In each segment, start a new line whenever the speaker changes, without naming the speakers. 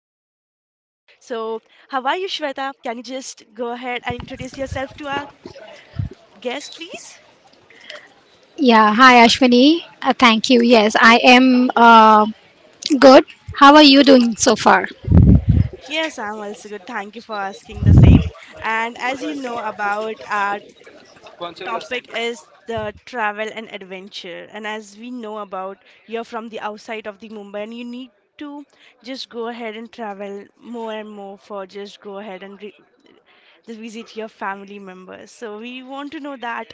So, how are you, Shweta? Can you just go ahead and introduce yourself to our guest, please?
Yeah, hi Ashwini. Thank you. Yes, I am good. How are you doing so far?
Yes, I'm also good. Thank you for asking the same. And as you know about our topic is the travel and adventure. And as we know about, you're from the outside of the Mumbai and you need to just go ahead and travel more and more for just go ahead and just visit your family members. So we want to know that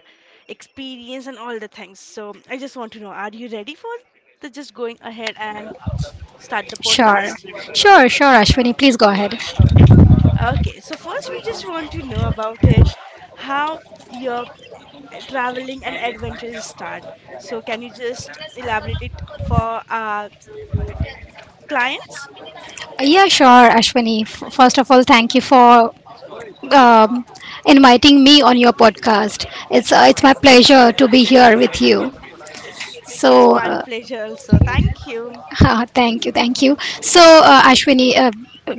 experience and all the things. So I just want to know, are you ready for the just going ahead and start the
Sure.
podcast?
Sure, sure, Ashwini. Please go ahead.
Okay, so first we just want to know about it, how your traveling and adventures start. So, can you just elaborate it for our clients?
Yeah, sure, Ashwini. First of all, thank you for um, inviting me on your podcast. It's my pleasure to be here with you. So,
It's my
uh,
pleasure, also. Thank you.
Thank you, thank you. So, Ashwini,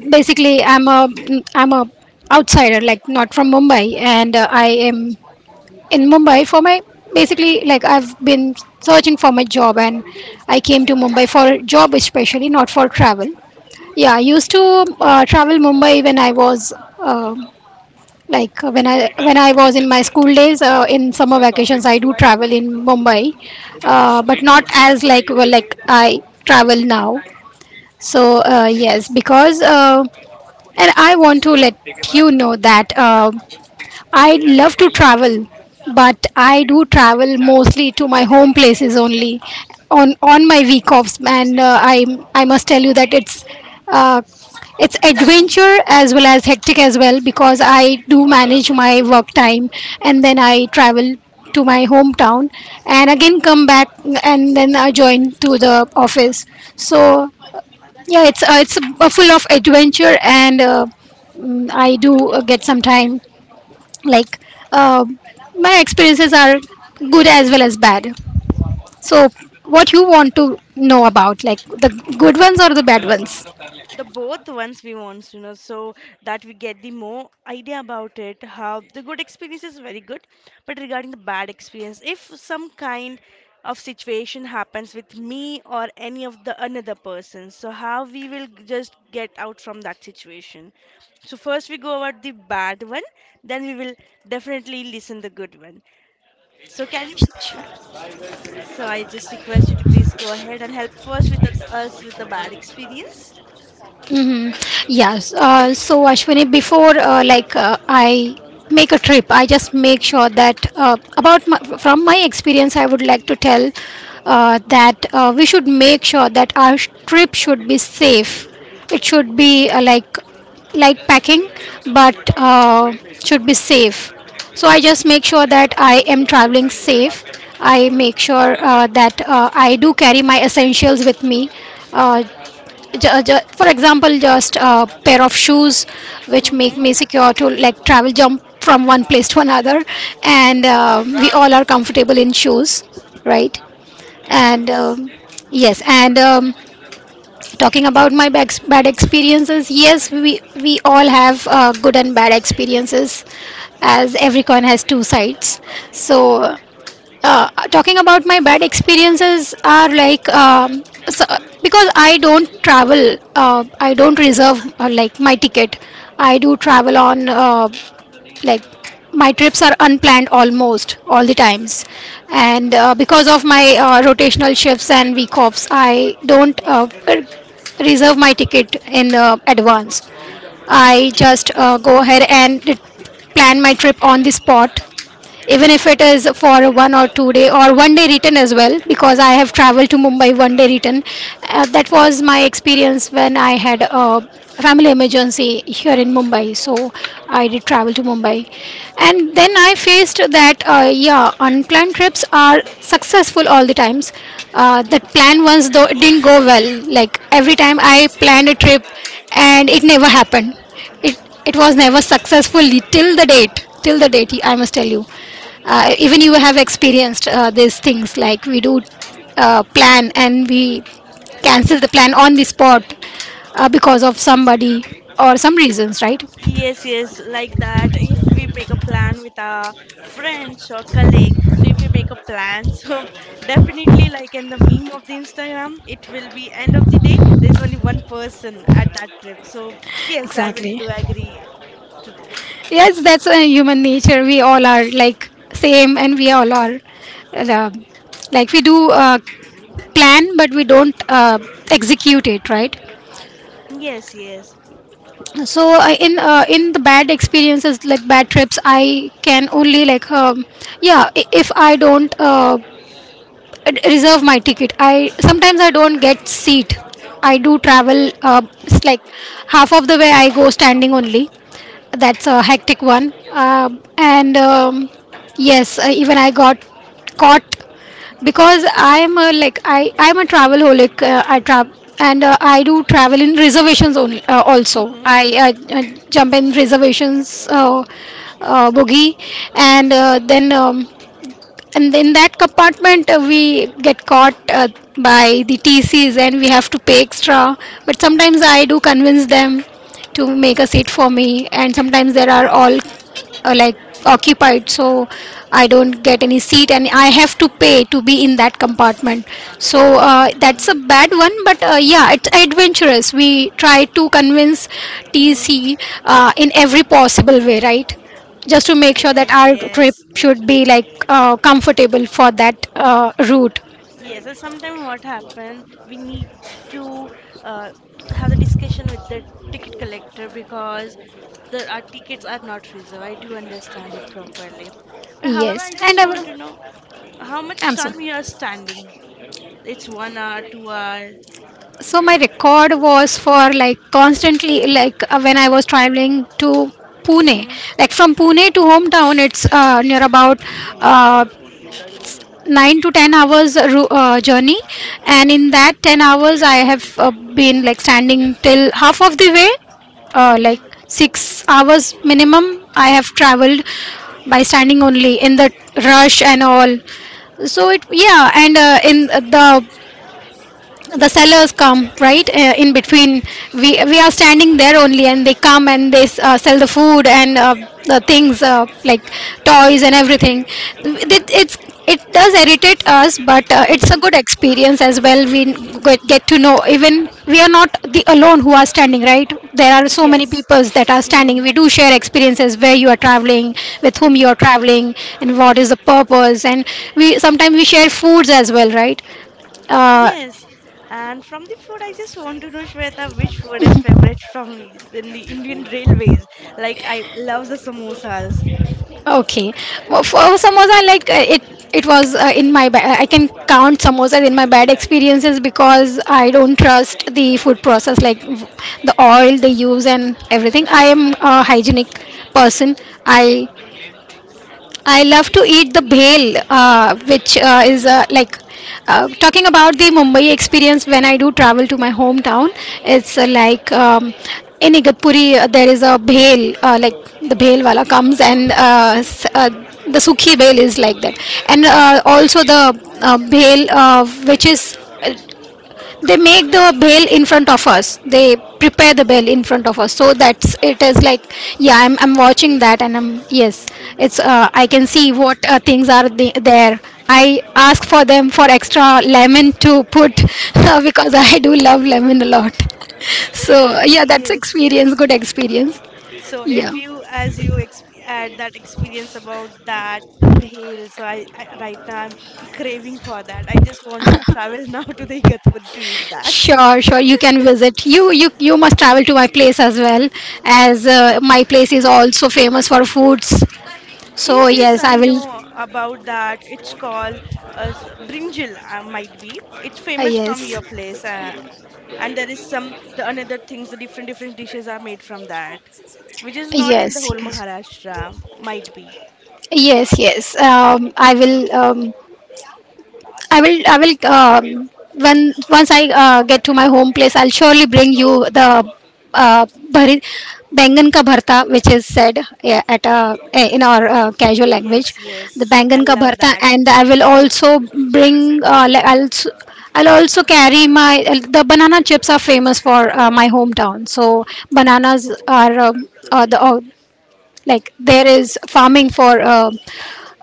basically, I'm a outsider, like not from Mumbai, and I am in Mumbai for my basically like I've been searching for my job, and I came to Mumbai for job especially not for travel. Yeah, I used to travel Mumbai when I was uh, like when I was in my school days in summer vacations I do travel in Mumbai, but
Mhm.
not as like well like I travel now. So yes, because and I want to let you know that. I'd love to travel, but I do travel mostly to my home places only on my week offs. And I must tell you that uh, it's adventure as well as hectic as well, because I do manage my work time, and then I travel to my hometown and again come back and then I join to the office. So yeah, it's full of adventure and. I do get some time, like uh, my experiences are good as well as bad. So what you want to know about, like the good ones or the bad ones?
The both ones we want you know so that we get the more idea about it, how the good experience is very good, but regarding the bad experience, if some kind of situation happens with me or any of the another person, so how we will just get out from that situation. So first we go about the bad one, then we will definitely listen the good one. So can you, so I just request you to please go ahead and help first with us with the bad experience.
Yes. So Ashwini, before like I make a trip, I just make sure that about my, from my experience, I would like to tell that we should make sure that our trip should be safe. It should be like light packing, but should be safe. So I just make sure that I am traveling safe. I make sure that I do carry my essentials with me. Uh, for example, just a pair of shoes which make
Mm-hmm.
me secure to like travel jump from one place to another, and we all are comfortable in shoes, right? And
Yes.
yes, and talking about my bad experiences, yes, we all have good and bad experiences, as every coin has two sides. So talking about my bad experiences are like, so, because I don't travel, I don't reserve like my ticket. I do travel on, like my trips are unplanned almost all the times, and because of my rotational shifts and week offs, I don't reserve my ticket in advance. I just
Mm-hmm.
go ahead and plan my trip on the spot, even if it is for a one or two day or one day return as well, because I have traveled to Mumbai one day return. That was my experience when I had a family emergency here in Mumbai, so I did travel to Mumbai, and then I faced that, yeah, unplanned trips are successful all the times. That plan once though, it didn't go well. Like every time I planned a trip and it never happened, it it was never successful till the date, till the date, I must tell you. Even you have
Mm-hmm.
experienced these things, like we do plan and we cancel
Mm-hmm.
the plan on the spot, because of somebody or some reasons, right?
Yes, yes, like that. If we make a plan with our friends or colleague, so if we make a plan, so definitely like in the meme of the Instagram, it will be end of the day, there's only one person at that trip. So yes, I will
Exactly.
do agree to the.
Yes, that's a human nature. We all are like same, and we all are uh, like we do plan but we don't execute it, right?
Yes, yes.
So in the bad experiences, like bad trips, I can only like, yeah, if I don't reserve my ticket, I sometimes I don't get seat. I do travel, it's like half of the way I go standing only. That's a hectic one. And yes, even I got caught because I am a like I am a travel holic. I travel, and I do travel in reservations only. Also,
Mm-hmm.
I jump in reservations, boogie, and then and in that compartment we get caught by the TCs, and we have to pay extra. But sometimes I do convince them to make a seat for me, and sometimes there are all like occupied, so I don't get any seat and I have to pay to be in that compartment. So that's a
Mm-hmm.
bad one, but yeah, it's adventurous. We try to convince
Mm-hmm.
TC in every possible way, right? Just to make sure that
Yes,
our trip
yes.
should be like, comfortable for that route.
Yes, and sometimes what happened, we need to uh, have the discussion with the ticket collector because the our tickets are not reserved. I do understand it properly. But however,
Yes,
I
and
just
I
want
will,
to know how much
I'm sorry.
time you are standing. It's 1 hour, 2 hour.
So my record was for like constantly, like when I was traveling to Pune,
Mm-hmm.
like from Pune to hometown, it's near about uh, 9 to 10 hours journey, and in that 10 hours, I have been like standing till half of the way, like
Mm-hmm.
6 hours minimum. I have traveled by standing only in the rush and all. So it, yeah, and in the sellers come, right? In between we are standing there only, and they come and they sell the food and the things, like toys and everything. It, it's it does irritate us, but it's a
Mm-hmm.
good experience as well. We get to know even we are not the alone who are standing, right? There are so many
Yes.
peoples that are standing.
Mm-hmm.
We do share experiences, where you are traveling, with whom you are traveling and what is
Mm-hmm.
the purpose. And we sometimes we share foods as well, right? uh,
Yes, and from the food, I just want to know, Shweta, which food is favorite from in the Indian railways? Like, I love the samosas.
Okay. Well, for samosa, like it was in my. I can count samosas in my bad experiences because I don't trust the food process, like the oil they use and everything. I am a hygienic person. I I love to eat the bhel, which is like, talking about the Mumbai experience when I do travel to my hometown. It's like in Igatpuri, there is a bhel, like the bhel wala comes and the sukhi bhel is like that, and also the bhel, which is, they make the bell in front of us, they prepare the bell in front of us, so that's, it is like, yeah I'm watching that, and I'm, yes it's, I can see
Hmm.
what things are there. I ask for them for extra lemon to put because I do love lemon a lot. So yeah, that's
Yes,
experience,
yes.
good experience.
So, if
Yeah,
you, as you exp had that experience about that, the bhel, so I right now I'm craving for that. I just want to travel now to the Igatpur to eat that.
sure, sure, you can visit. You, you must travel to my place as well, as my place is also famous for foods. So
Yes, yes,
yes,
I
I will.
know about that. It's called brinjal, might be. It's
Uh,
famous from
yes
your place, and there is some the another things. The different different dishes are made from that, which is not in the
yes
whole Maharashtra, might be.
yes. yes I will, I will, when once I get to my home place, I'll surely bring you the uh, bhari, bangan ka bharta, which is said, yeah, at, in our casual language,
Yes,
the
yes,
bangan
I
ka
love
bharta.
that.
And I will also bring, like I'll also carry my the banana chips are famous for my hometown. So bananas are, the, like, there is farming for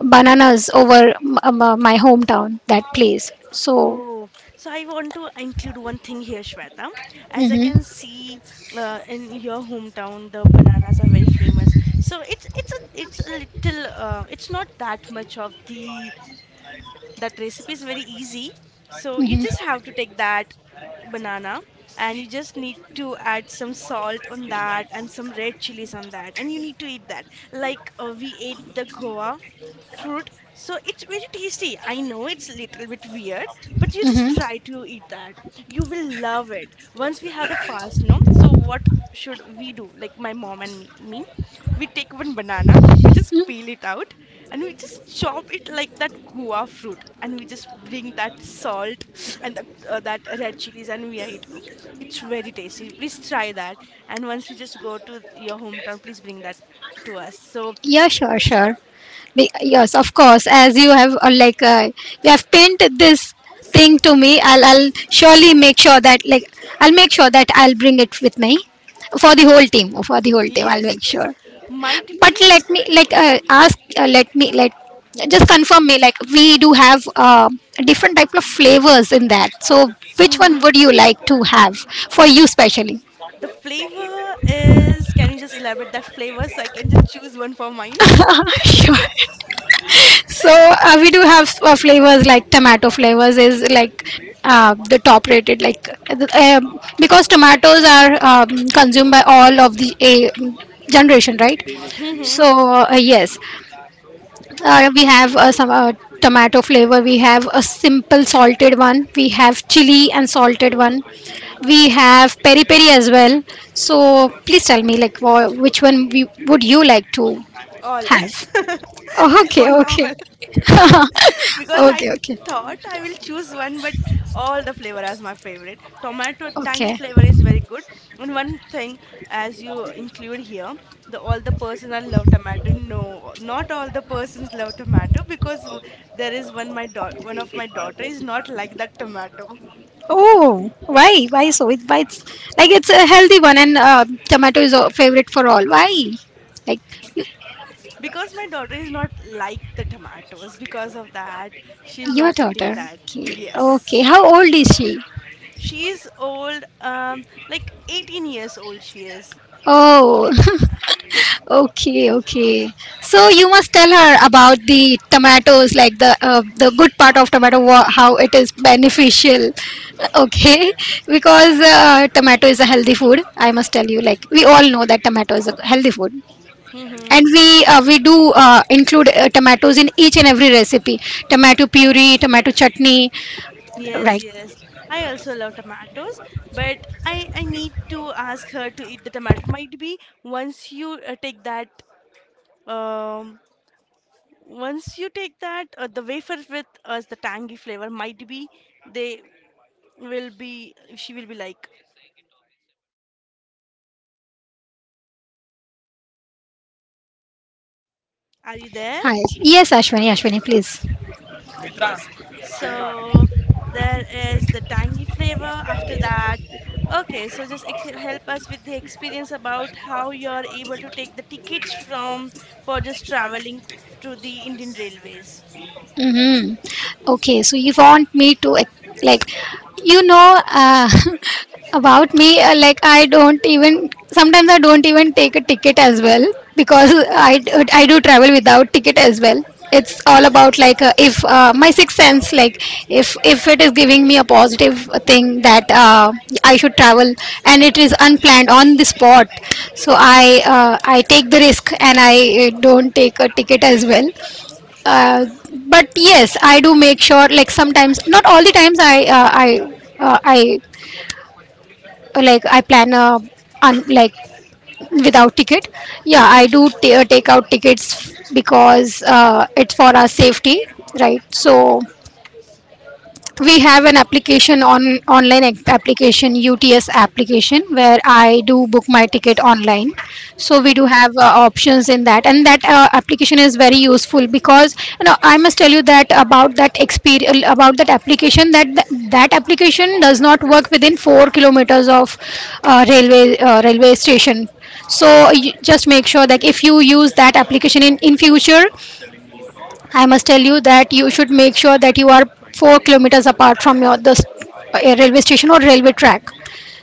bananas over my hometown, that place. So,
Oh, so I want to include one thing here, Shweta. As I
hmm.
can see, in your hometown, the bananas are very famous. So it's a little it's not that much of the, that recipe is very easy, so you just have to take that banana and you just need to add some salt on that and some red chilies on that, and you need to eat that like we ate the goa fruit. So it's very tasty, I know it's a little bit weird, but you just
Hmm.
try to eat that. You will love it. Once we have the fast, no, so what should we do? Like my mom and me, we take one banana, we just peel it out, and we just chop it like that guava fruit, and we just bring that salt and that red chilies and we eat. Oh, it's very tasty, please try that. And once you just go to your hometown, please bring that to us. So
Yeah, sure, sure. Yes, of course. As you have, like you have pinned this thing to me, I'll surely make sure that, like, I'll make sure that I'll bring it with me for the whole team. For the whole team, I'll
yes,
make
yes,
sure.
might
But
be.
let me, like, ask, let me like just confirm me, like, we do have different type of flavors in that. So which one
Hmm.
would you like to have for you specially?
The flavor is, can you just elaborate that flavor so I can just choose one for mine?
Ah, sure. So we do have flavors like tomato flavors, is like the top rated, like because tomatoes are consumed by all of the generation, right? So, yes. We have some tomato flavor. We have a simple salted one. We have chili and salted one. We have peri peri as well. So please tell me, like, which one we, would you like to
All.
have?
I
Okay,
want all.
okay.
Because I
Okay, okay,
thought I will choose one, but all the flavor as my favorite. Tomato tangy
okay.
flavor is very good. And one thing, as you include here, the all the personal love tomato. No, not all the persons love tomato because there is one one of my daughter is not like that tomato.
Oh, why? Why so? It, why it's like it's a healthy one, and tomato is a favorite for all. Why? Like
Because my daughter is not like the tomatoes. Because of that, she's
your
not eating
daughter.
that.
Okay. Okay.
Yes.
How old is she?
She is old, like 18 years old, she is.
Oh, okay, okay. So you must tell her about the tomatoes, like the good part of tomato, how it is beneficial. Okay, because tomato is a healthy food. I must tell you, like we all know that tomato is a healthy food,
Hmm.
and we do include tomatoes in each and every recipe: tomato puree, tomato chutney,
Yes,
right?
yes. I also love tomatoes, but I need to ask her to eat the tomato. Might be once you take that, um, once you take that, the wafer with the tangy flavor, might be they will be, she will be like, are you there?
Hi. Yes, Ashwini, Ashwini, please.
Yes. So there is the tangy flavor after that. Okay, so just help us with the experience about how you're able to take the tickets from for just traveling to the Indian Railways.
Mm-hmm. Okay, so you want me to like, you know, uh, about me, like I don't even sometimes I don't even take a ticket as well because I do travel without ticket as well. It's all about like if my sixth sense, like if it is giving me a positive thing that I should travel and it is unplanned on the spot, so I take the risk and I don't take a ticket as well. uh, but yes, I do make sure, like sometimes not all the times I like I plan like without ticket. Yeah, I do take out tickets because it's for our safety, right? So we have an application on online application, UTS application, where I do book my ticket online. So we do
Mm-hmm.
have options in that, and that application is very useful, because you know I must tell you that about that experience about that application that that application does not work within 4 kilometers of railway station. So you just make sure that if you use that application in future, I must tell you that you should make sure that you are 4 kilometers apart from your the railway station or railway track.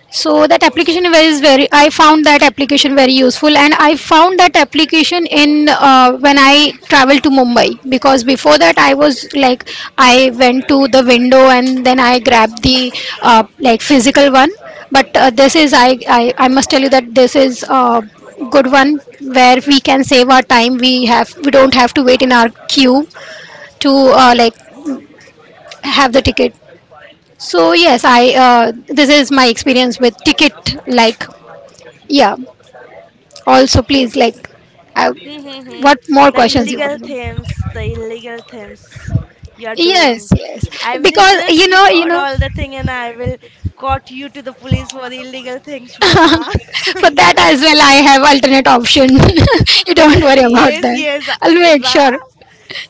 So that application is very. I found that application very useful, and I found that application in when I traveled to Mumbai, because before that I was like I went to the window and then I grabbed the like physical one. But this is, I must tell you that this is a good one where we can save our time, we don't have to wait in our queue to like have the ticket. So yes, I, this is my experience with ticket. Like yeah, also please, like, I,
Mm-hmm.
what more questions you want to know?
The illegal themes you're
Yes,
doing.
yes,
I will
because
just record all the thing and I will caught you to the police for the illegal thing, Shweta.
for that as well I have alternate option. You don't worry about
Yes,
that.
yes,
I'll make
Ra.
sure.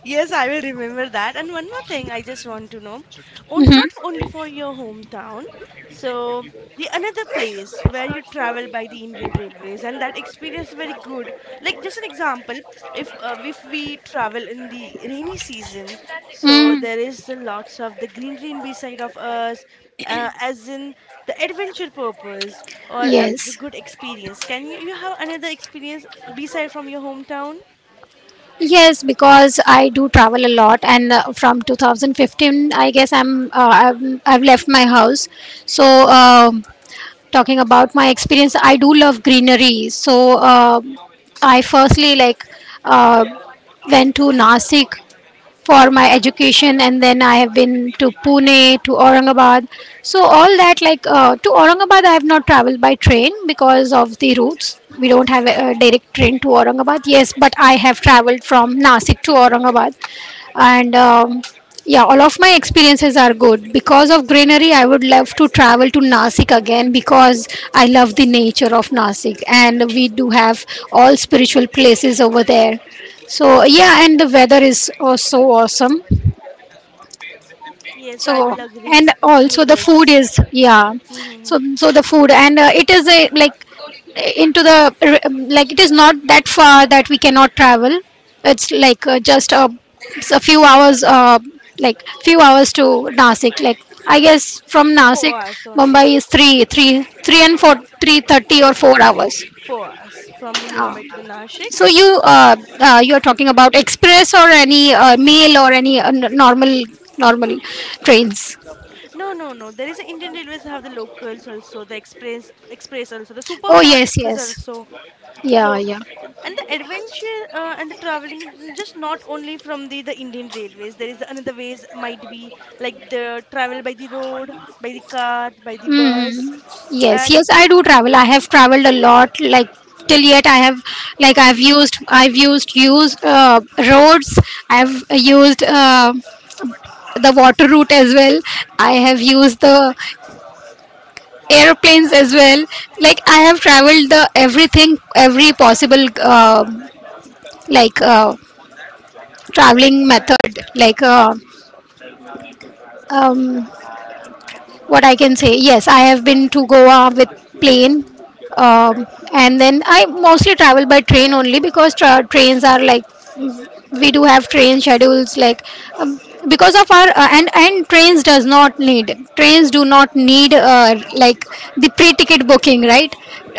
Yes, I will remember that. And one more thing I just want to know. On,
Hmm.
not only for your hometown, so the another place where you travel by the Indian Railways and that experience very good. Like just an example, if we travel in the rainy season, so
Mm,
there is a lots of the greenery in beside of us, as in the adventure purpose or the
yes.
good experience. Can you, you have another experience beside from your hometown?
Yes, because I do travel a lot, and from 2015, I guess, I've left my house. So um talking about my experience, I do love greenery. So I firstly like uh, went to Nasik for my education, and then I have been to Pune, to Aurangabad. So all that, like to Aurangabad I have not traveled by train because of the routes. We don't have a direct train to Aurangabad, yes, but I have traveled from Nasik to Aurangabad. And yeah, all of my experiences are good because of greenery. I would love to travel to Nasik again because I love the nature of Nasik, and we do have all spiritual places over there. So yeah, and the weather is so awesome.
Yes, I
So
will agree
and
to
also the food
this.
is yeah.
Mm-hmm.
So so the food and it is a, like, into the, like, it is not that far that we cannot travel. It's like just a, it's a few hours, like few hours to Nasik. Like I guess from
Four
Nasik,
hours only.
Mumbai is three and four
No,
three thirty or
four,
4 hours.
4 hours from the
Uh,
Mumbai to the Nashik.
So you you're talking about express or any mail or any normal trains.
No, no, no. There is a Indian Railways have the locals also, the express, express also, the super
Oh
fast
yes,
express
yes.
also.
Yeah,
So,
yeah.
and the adventure and the traveling is just not only from the Indian Railways. There is another ways, might be like the travel by the road, by the car, by the bus,
Yes,
and.
yes, I do travel. I have traveled a lot, like till yet I have, like,
Hmm.
I've used use roads. I've used the water route as well. I have used the airplanes as well. Like I have traveled the everything, every possible like uh, traveling method, like um, what I can say. Yes, I have been to Goa with plane. um, and then I mostly travel by train only because trains are like we do have train schedules, like um, because of our and trains do not need like the pre-ticket booking, right?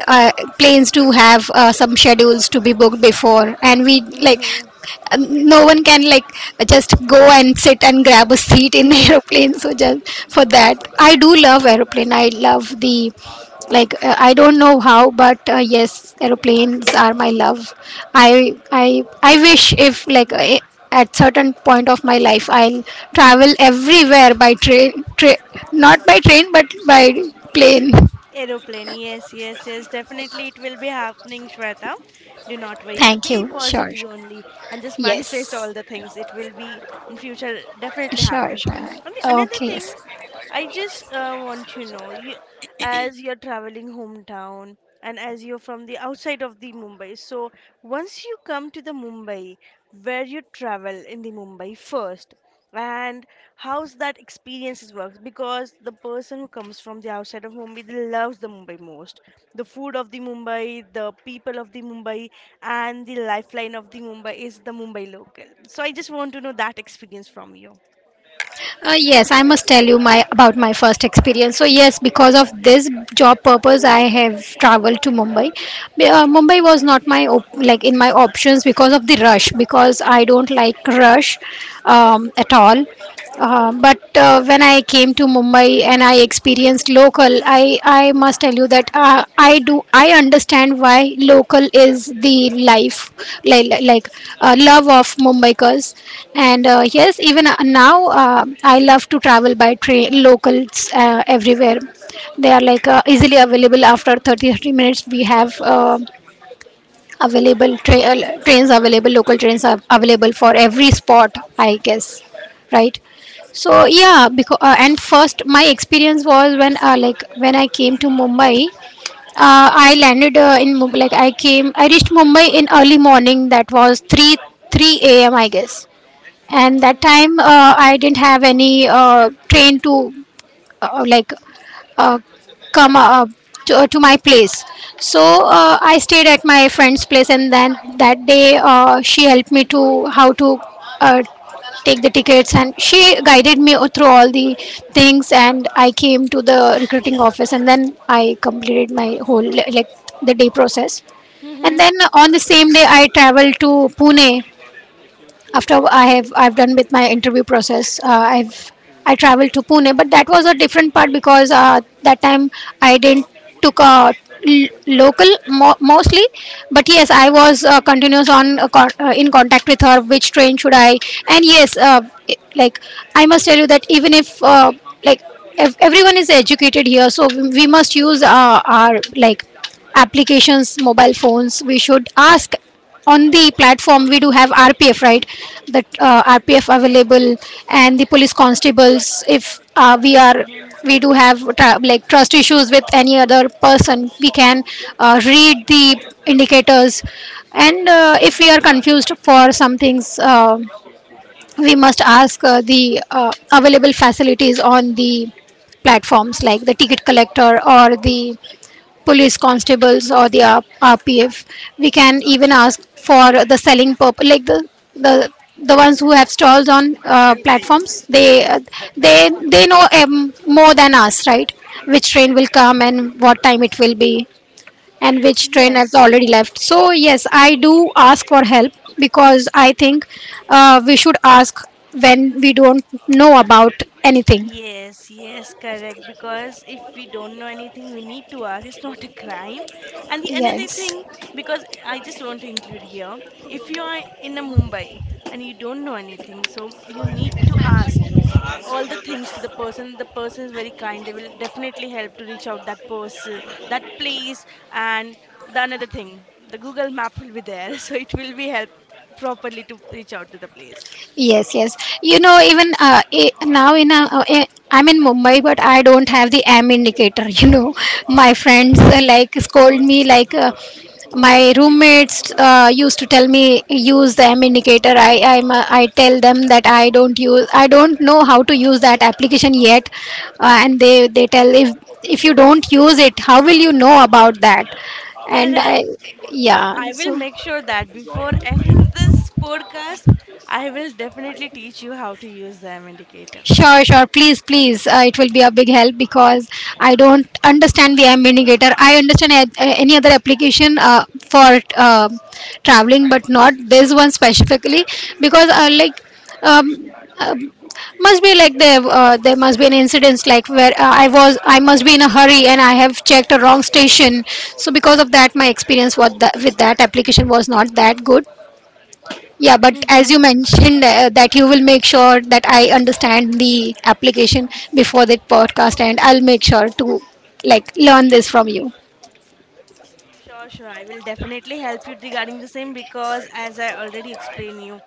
uh, Planes do have some schedules to be booked before, and we like
Hmm.
No one can, like, just go and sit and grab a seat in aeroplane. So just for that I do love aeroplane. I love the, like I don't know how, but yes, aeroplanes are my love. I wish if, like,
Hmm.
at certain point of my life I'll travel everywhere by train, not by train but by plane.
Aeroplane, yes, yes, yes, definitely it will be happening, Shweta. Do not worry.
Thank
Be
you, sure.
positive only and just manifest
Yes,
all the things. It will be in future definitely
sure,
happen.
sure.
And the another
Okay, yes.
thing I just want to know you, as you're traveling hometown and as you're from the outside of the Mumbai. So once you come to the Mumbai, where you travel in the Mumbai first, and how's that experiences works because the person who comes from the outside of Mumbai, they loves the Mumbai most. The food of the Mumbai, the people of the Mumbai, and the lifeline of the Mumbai is the Mumbai local. So I just want to know that experience from you.
Yes, I must tell you my about my first experience. So yes, because of this job purpose, I have traveled to Mumbai. Mumbai was not my like in my options because of the rush, because I don't like rush at all. But when I came to Mumbai and I experienced local, I must tell you that I understand why local is the life like love of Mumbaikers. And yes, even now I love to travel by train locals everywhere. They are, like easily available after 30 30 minutes. We have available tra- trains available local trains are available for every spot, I guess, right? So yeah, because and first my experience was when like when I came to Mumbai, I landed in Mumbai, like I came, I reached Mumbai in early morning. That was 3 3 a.m., I guess, and that
Hmm.
time I didn't have any train to uh, like uh, come to my place. So I stayed at my friend's place, and then that day she helped me to how to uh, take the tickets, and she guided me through all the things. And I came to the recruiting office and then I completed my whole, like, the day process, and
Hmm.
then on the same day I traveled to Pune, after I have I've done with my interview process. I've I traveled to Pune, but that was a different part, because that time I didn't took a local mostly. But yes, I was continuous on, in contact with her, which train should I. And yes, like, I must tell you that even if, like, everyone is educated here, so we must use our, like, applications, mobile phones, we should ask. On the platform we do have RPF, right? That RPF available and the police constables. If we are,
Hmm.
we do have trust issues with any other person, we can read the indicators. And if we are confused for some things, we must ask the available facilities on the platforms, like the ticket collector or the police constables or the RPF. We can even ask for the selling purpose, like the the ones who have stalls on platforms. They they know, more than us, right? Which train will come and what time it will be, and which train has
Yes,
already left. So yes, I do ask for help, because I think we should ask when we don't know about anything.
yes, yes, correct. Because if we don't know anything, we need to ask. It's not a crime. And the another
Yes.
thing, because I just want to include here, if you are in a Mumbai and you don't know anything, so you need to ask all the things to the person. The person is very kind. They will definitely help to reach out that person, that place, and the another thing, the Google Map will be there, so it will be help properly to reach out to the place.
Yes, yes. You know, even, now in a, I'm in Mumbai, but I don't have the AM indicator. You know, my friends like scold me, like. My roommates used to tell me, use the AM indicator. I'm, I tell them that I don't know how to use that application yet, and they tell if you don't use it, how will you know about that? And I,
Correct. But
yeah,
I will
so.
make sure that before end this podcast, I will definitely teach you how to use the M indicator.
Sure, sure. Please, please. It will be a big help, because I don't understand the AM indicator. I understand any other application for traveling, but not this one specifically, because like, um, uh, must be like there, there must be an incident like where, I was, I must be in a hurry and I have checked a wrong station. So because of that, my experience with that application was not that good. Yeah, but as
Mm-hmm.
you mentioned, that you will make sure that I understand the application before that podcast, and I'll make sure to, like, learn this from you.
Sure, sure. I will definitely help you regarding the same because, as I already explained you,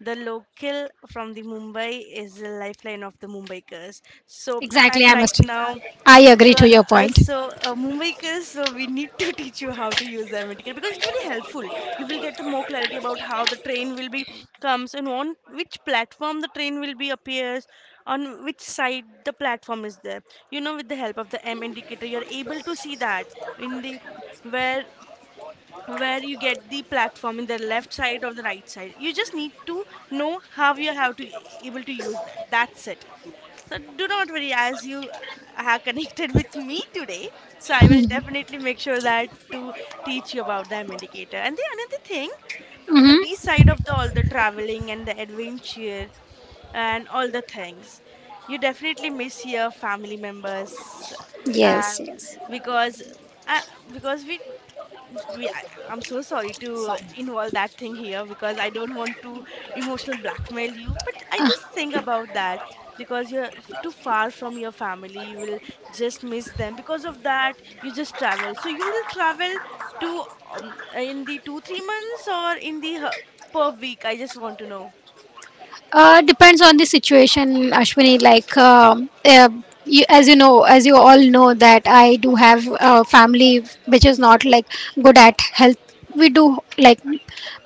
the local from the Mumbai is the lifeline of the Mumbaikers. So,
Exactly,
as
I
right
must.
now,
I
you
agree
are
to your point.
also a movemaker, so we need to teach you how to use the MTK because it's very helpful. You will get the more clarity about how the train will be comes and on which platform the train will be appears, on which side the platform is there. You know, with the help of the M indicator, you are able to see that in the where where you get the platform in the left side or the right side. You just need to know how you have to able to use that. That's it. So do not worry, as you are connected with me today, so I will definitely make sure that to teach you about the Medicator. And the another thing, the B
Hmm.
side of the all the traveling and the adventure and all the things, you definitely miss your family members, uh,
Yes, yes.
because uh, because we I, I'm so sorry to involve that thing here because I don't want to emotional blackmail you, but I just think about that because you're too far from your family, you will just miss them. Because of that, you just travel, so you will travel to, in the 2 3 months or in the per week, I just want to know.
Depends on the situation, Ashwini. Like, you, as you know, as you all know, that I do have a family which is not like good at health. We do like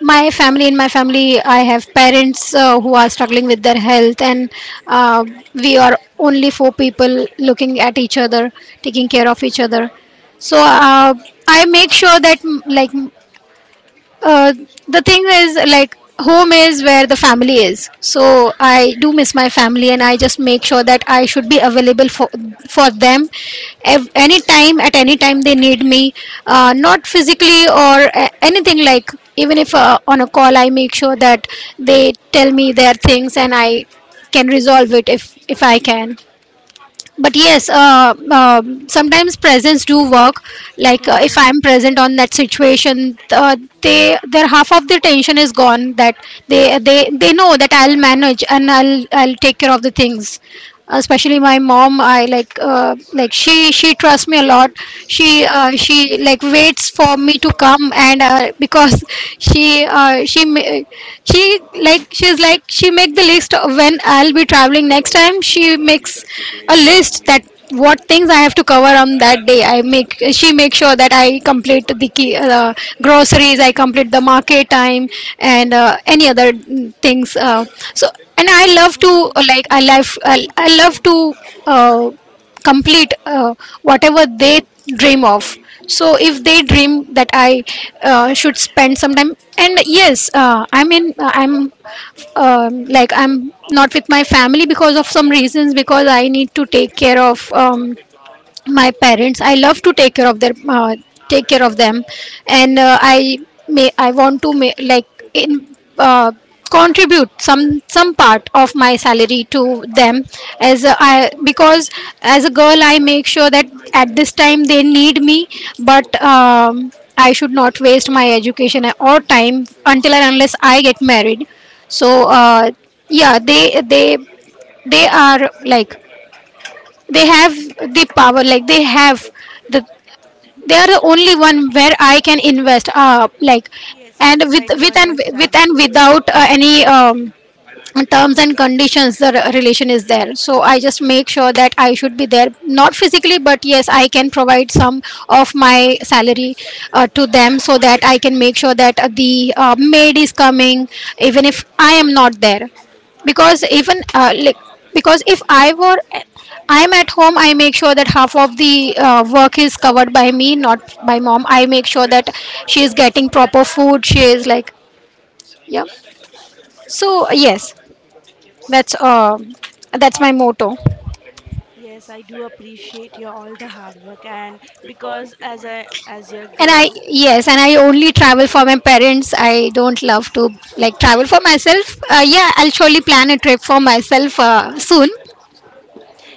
my family. In my family, I have parents who are struggling with their health, and uh, we are only four people looking at each other, taking care of each other. So I make sure that uh, the thing is, like, home is where the family is. So I do miss my family, and I just make sure that I should be available for them, any time at any time they need me. Not physically or anything like. Even if on a call, I make sure that they tell me their things, and I can resolve it if I can, but yes, sometimes presence do work like. If
Mhm.
I'm present on that situation, they, their half of their tension is gone, that they know that I'll manage and I'll take care of the things, especially my mom. I like uh, like she trusts me a lot. She like waits for me to come, and because she uh, she ma- she like, she's like, she make the list of when I'll be traveling next time. She makes a list that what things I have to cover on that day. I make She makes sure that I complete the key, groceries, I complete the market time, and any other things. So and I love to,
Mhm.
I love to uh, complete whatever they dream of. So if they dream that I should spend some time, and yes, I mean, I'm like, I'm not with my family because of some reasons, because I need to take care of, my parents, I love to take care of their, take care of them. And I may I want to make like, in uh, contribute some part of my salary to them as a, I because as a girl I make sure that at this time they need me. But I should not waste my education or time until and unless I get married. So yeah, they are like, they have the power. Like, they have the, they are the only one where I can invest, like.
Yes,
And
yes, I do understand.
without any terms and conditions, the relation is there. So I just make sure that I should be there, not physically, but yes, I can provide some of my salary to them, so that I can make sure that the maid is coming even if I am not there. Because even like because if I am at home, I make sure that half of the work is covered by me, not by mom. I make sure that she is getting proper food, she is like, yeah. So yes, that's that's my motto.
Yes, I do appreciate your all the hard work and because as a, as your
And
girl.
I yes and I only travel for my parents. I don't love to like travel for myself. Yeah, I'll surely plan a trip for myself soon.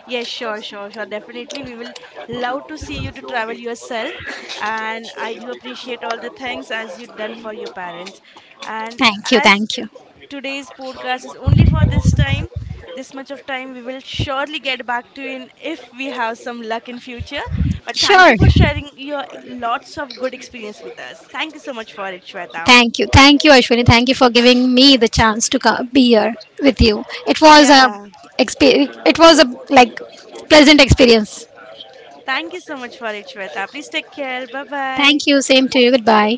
Yes, sure, sure, sure. Definitely, we will love to see you to travel yourself, and I do appreciate all the things as you've done for your parents. And
Thank you,
as
thank you.
today's podcast is only for this time, this much of time, we will surely get back to in if we have some luck in future. But thank you
Sure.
for sharing your lots of good experience with us. Thank you so much for it, Shweta.
Thank you, Ashwini, thank you for giving me the chance to be here with you. it was a
Yeah,
exp- it was a like pleasant experience.
thank you so much for it, Shweta. Please take care. Bye bye.
Thank you, same to you, goodbye.